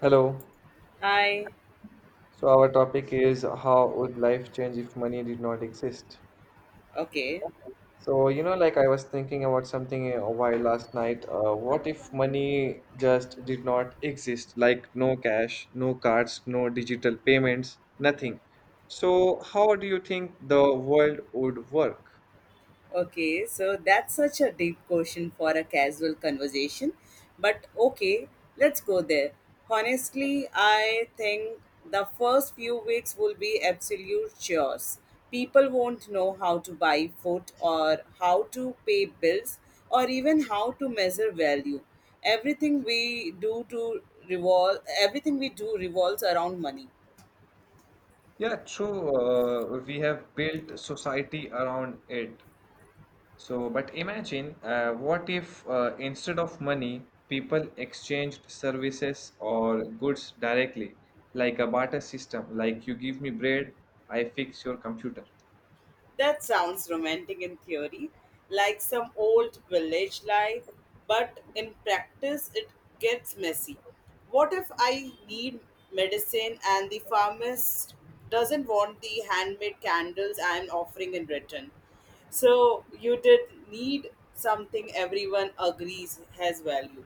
Hello. I So our topic is how would life change if money did not exist? okay, Like I was thinking about something a while last night. What if money just did not exist? Like no cash, no cards, no digital payments, nothing. So how do you think the world would work? okay. So that's such a deep question for a casual conversation, but okay, let's go there. Honestly, I think the first few weeks will be absolute chores. People won't know how to buy food or how to pay bills or even how to measure value. Everything we do to Everything we do revolves around money. Yeah, true. We have built society around it. So, but imagine what if instead of money, people exchanged services or goods directly, like a barter system, like you give me bread, I fix your computer. That sounds romantic in theory, like some old village life, but in practice it gets messy. What if I need medicine and the pharmacist doesn't want the handmade candles I'm offering in return? So you did need something everyone agrees has value.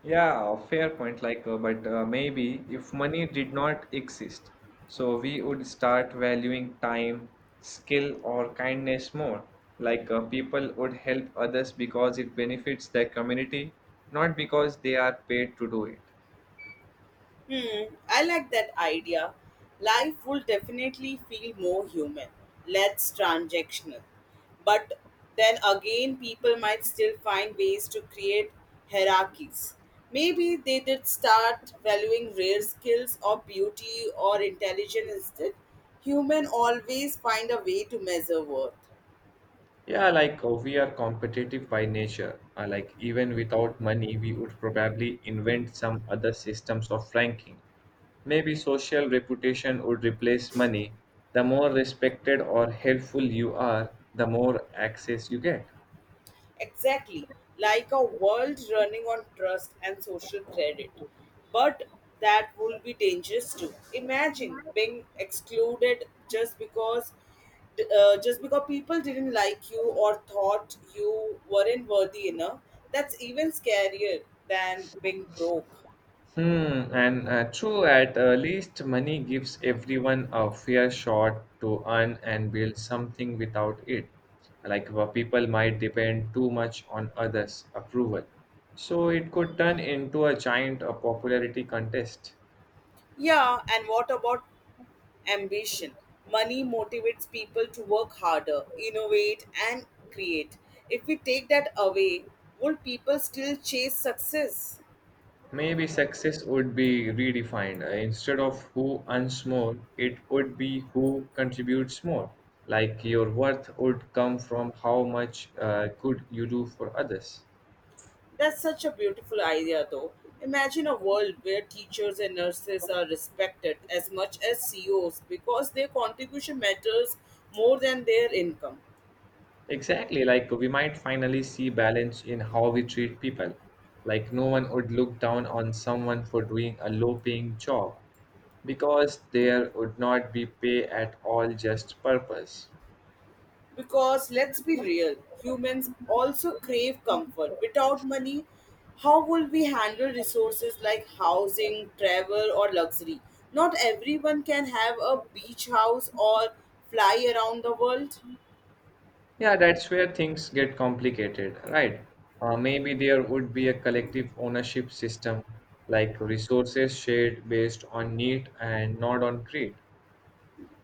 Yeah, fair point. Like, but maybe if money did not exist, so we would start valuing time, skill, or kindness more. Like, people would help others because it benefits their community, not because they are paid to do it. Hmm, I like that idea. Life will definitely feel more human, less transactional. But then again, people might still find ways to create hierarchies. Maybe they did start valuing rare skills or beauty or intelligence instead. Human always find a way to measure worth. Yeah, we are competitive by nature. Like even without money, we would probably invent some other systems of ranking. Maybe social reputation would replace money. The more respected or helpful you are, the more access you get. Exactly, like a world running on trust and social credit. But that would be dangerous too. Imagine being excluded just because people didn't like you or thought you weren't worthy enough. That's even scarier than being broke. Hmm, and true, at least money gives everyone a fair shot to earn and build something without it. Like people might depend too much on others' approval. So it could turn into a giant popularity contest. Yeah, and what about ambition. Money motivates people to work harder, innovate, and create. If we take that away, would people still chase success? Maybe success would be redefined. Instead of who earns more, it would be who contributes more. Like your worth would come from how much good you do for others. That's such a beautiful idea, though. Imagine a world where teachers and nurses are respected as much as CEOs because their contribution matters more than their income. Exactly, like we might finally see balance in how we treat people. Like no one would look down on someone for doing a low-paying job because there would not be pay at all, just purpose. Because let's be real, humans also crave comfort. Without money, how will we handle resources like housing, travel, or luxury? Not everyone can have a beach house or fly around the world. Yeah, that's where things get complicated, right? Maybe there would be a collective ownership system, like resources shared based on need and not on greed.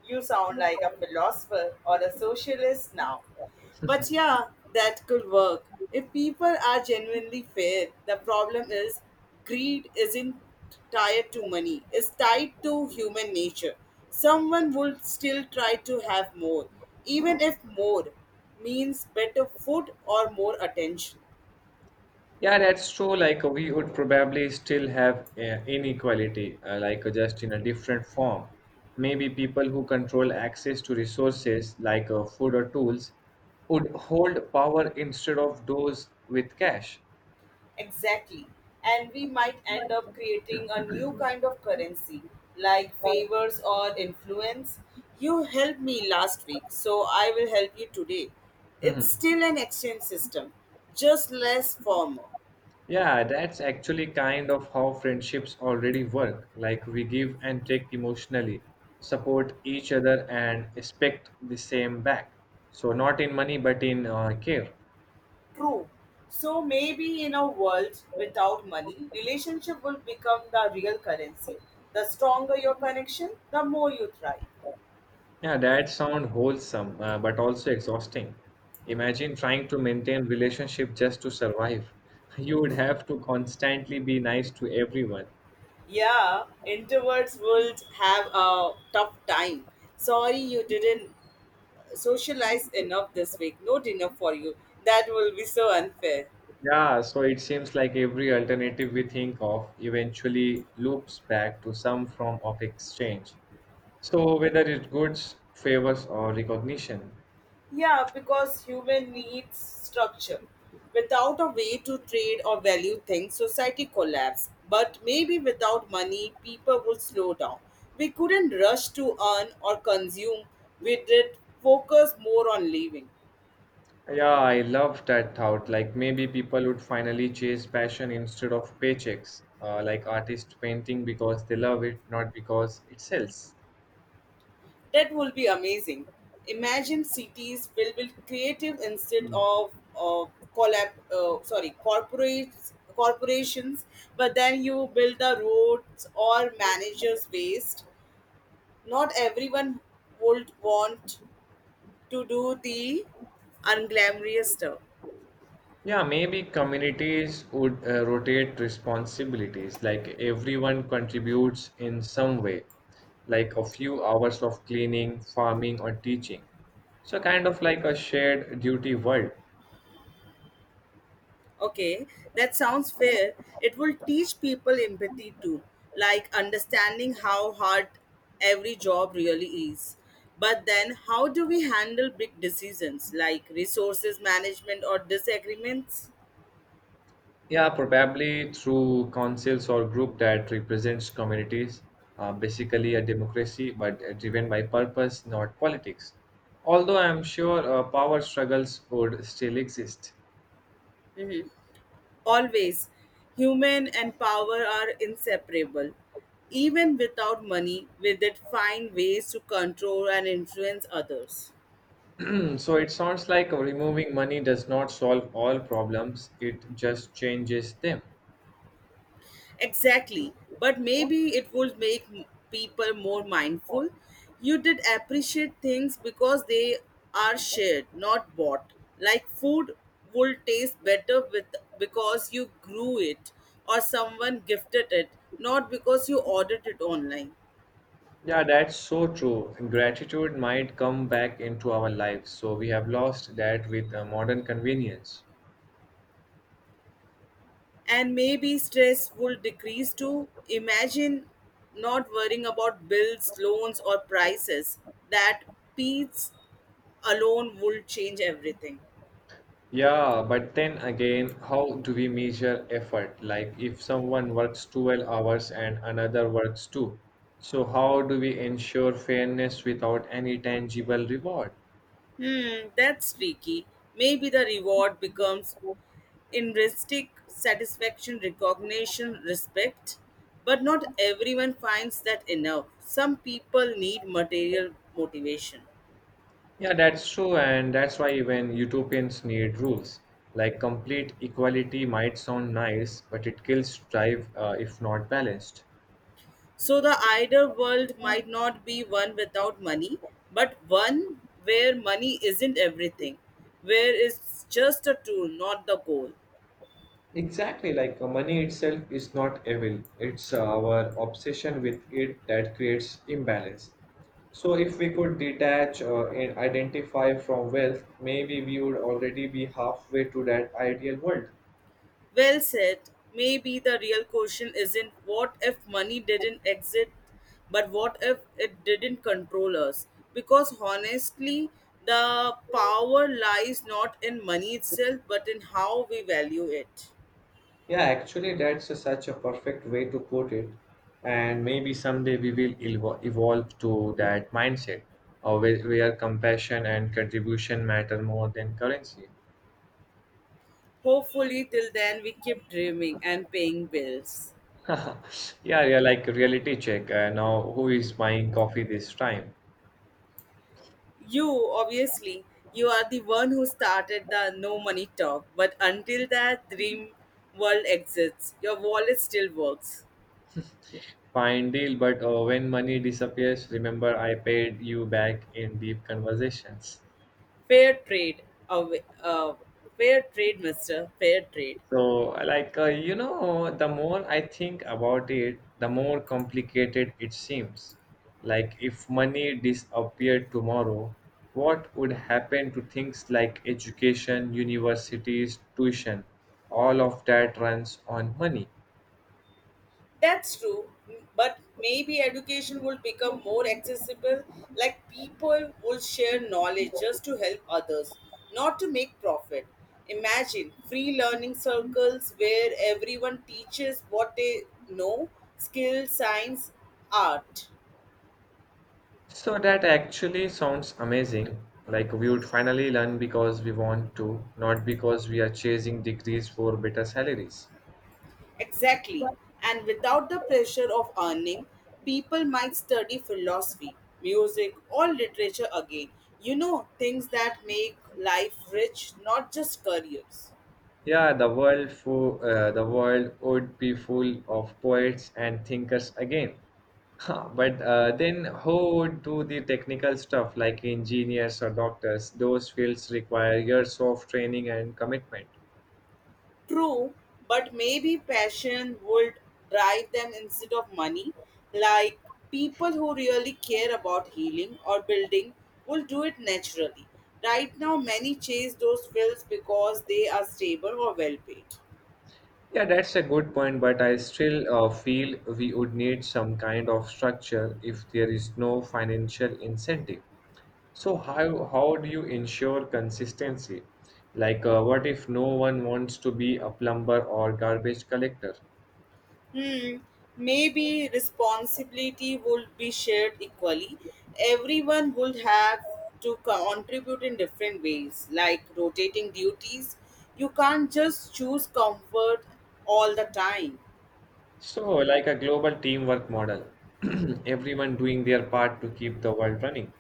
You sound like a philosopher or a socialist now. But yeah, that could work. If people are genuinely fair, the problem is greed isn't tied to money, it's tied to human nature. Someone will still try to have more, even if more means better food or more attention. Yeah, that's true. We would probably still have inequality, just in a different form. Maybe people who control access to resources like food or tools would hold power instead of those with cash. Exactly. And we might end up creating a new kind of currency, like favors or influence. You helped me last week, so I will help you today. Hmm. It's still an exchange system, just less formal. Yeah, that's actually kind of how friendships already work. Like we give and take emotionally, support each other, and expect the same back. So, not in money, but in care. True. So maybe in a world without money, relationship will become the real currency. The stronger your connection, the more you thrive. Yeah, that sound wholesome, but also exhausting. Imagine trying to maintain relationship just to survive. You would have to constantly be nice to everyone. Yeah, introverts would have a tough time. Sorry you didn't socialized enough this week. No dinner for you. That will be so unfair. Yeah, so it seems like every alternative we think of eventually loops back to some form of exchange. So whether it's goods, favors, or recognition, Yeah, because human needs structure. Without a way to trade or value things, society collapsed. But maybe without money, people would slow down. We couldn't rush to earn or consume. We did focus more on living. yeah, I love that thought. Like maybe people would finally chase passion instead of paychecks, like artists painting because they love it, not because it sells. That will be amazing. Imagine cities filled with creative instead of corporates, corporations. But then you build the roads or managers waste. Not everyone would want to do the unglamorous stuff. Yeah, maybe communities would rotate responsibilities, like everyone contributes in some way, like a few hours of cleaning, farming, or teaching. So, kind of like a shared duty world. Okay, that sounds fair. It will teach people empathy too, like understanding how hard every job really is. But then, how do we handle big decisions like resources management or disagreements? Yeah, probably through councils or group that represents communities, basically a democracy, but driven by purpose, not politics. Although I'm sure power struggles would still exist. Always, human and power are inseparable. Even without money, we did find ways to control and influence others. Hmm, so it sounds like removing money does not solve all problems, it just changes them. Exactly. But maybe it would people more mindful. You did appreciate things because they are shared, not bought. Like food would taste better with because you grew it or someone gifted it, not because you ordered it online. Yeah, that's so true. Gratitude might come back into our lives, so we have lost that with modern convenience. And maybe stress would decrease too. Imagine not worrying about bills, loans, or prices. That peace alone would change everything. Yeah, but then again, how do we measure effort? Like if someone works 12 hours and another works 2, so how do we ensure fairness without any tangible reward? Hmm, that's tricky. Maybe the reward becomes intrinsic satisfaction, recognition, respect. But not everyone finds that enough. Some people need material motivation. Yeah, that's true, and that's why even utopians need rules. Like complete equality might sound nice, but it kills drive if not balanced. So the ideal world might not be one without money, but one where money isn't everything, where it's just a tool, not the goal. Exactly, money itself is not evil, it's our obsession with it that creates imbalance. So, if we could detach and identify from wealth, maybe we would already be halfway to that ideal world. Well said. Maybe the real question isn't what if money didn't exist, but what if it didn't control us? Because honestly, the power lies not in money itself, but in how we value it. Yeah, actually, such a perfect way to put it. And maybe someday we will evolve to that mindset, where compassion and contribution matter more than currency. Hopefully, till then, we keep dreaming and paying bills. Yeah, yeah, like reality check. Now, who is buying coffee this time? You, obviously, you are the one who started the no money talk, but until that dream world exists, your wallet still works. Fine deal, but when money disappears, remember I paid you back in deep conversations. Fair trade, uh, uh, fair trade, Mister. Fair trade. So, like, you know, the more I think about it, the more complicated it seems. Like, if money disappeared tomorrow, what would happen to things like education, universities, tuition? All of that runs on money. That's true, but maybe education will become more accessible, like people will share knowledge just to help others, not to make profit. Imagine free learning circles where everyone teaches what they know skills, science, art. So that actually sounds amazing. Like we would finally learn because we want to, not because we are chasing degrees for better salaries. Exactly. And without the pressure of earning, people might study philosophy, music, or literature again. You know, things that make life rich, not just careers. Yeah, the world would be full of poets and thinkers again. Huh, but then who would do the technical stuff like engineers or doctors? Those fields require years of training and commitment. True, but maybe passion would drive them instead of money. Like people who really care about healing or building will do it naturally. Right now, many chase those fields because they are stable or well paid. Yeah, that's a good point, but I still feel we would need some kind of structure if there is no financial incentive. So how do you ensure consistency? Like, what if no one wants to be a plumber or garbage collector? Hmm. Maybe responsibility would be shared equally. Everyone would have to contribute in different ways, like rotating duties. You can't just choose comfort all the time. So, like a global teamwork model, everyone doing their part to keep the world running.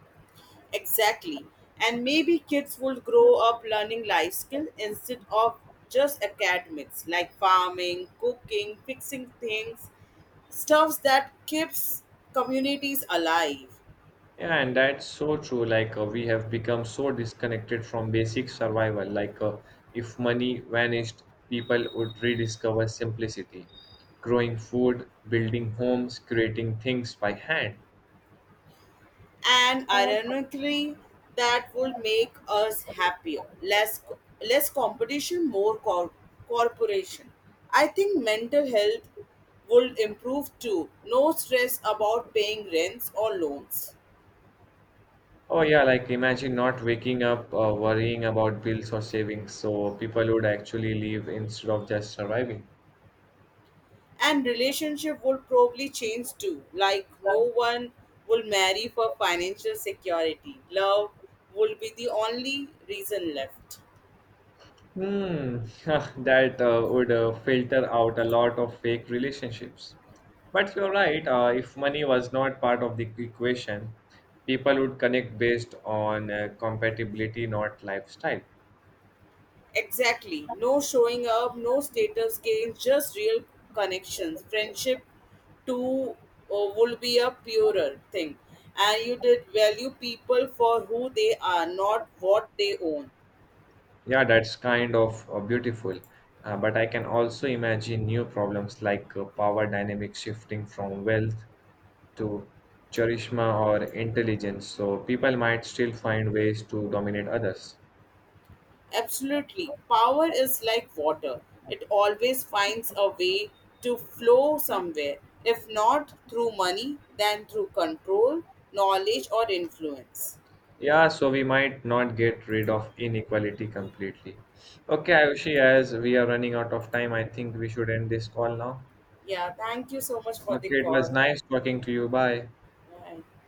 Exactly. And maybe kids would grow up learning life skills instead of just academics, like farming, cooking, fixing things, stuffs that keeps communities alive. Yeah, and that's so true. We have become so disconnected from basic survival. If money vanished, people would rediscover simplicity, growing food, building homes, creating things by hand. And ironically, that would make us happier, less competition, corporation. I think mental health would improve too. No stress about paying rents or loans. Oh yeah, like imagine not waking up worrying about bills or savings. So people would actually live instead of just surviving. And relationship would probably change too, like no one will marry for financial security. Love would be the only reason left. Hmm, that would filter out a lot of fake relationships. But you're right, if money was not part of the equation, people would connect based on compatibility, not lifestyle. Exactly. No showing up, no status gains, just real connections. Friendship too would be a purer thing. And you did value people for who they are, not what they own. Yeah, that's kind of beautiful. But I can also imagine new problems like power dynamics shifting from wealth to charisma or intelligence. So people might still find ways to dominate others. Absolutely. Power is like water, it always finds a way to flow somewhere. If not through money, then through control, knowledge, or influence. Yeah, so we might not get rid of inequality completely. Okay, Ayushi, as we are running out of time, I think we should end this call now. Yeah, thank you so much for the Okay, it was call. nice talking to you. Bye. Bye.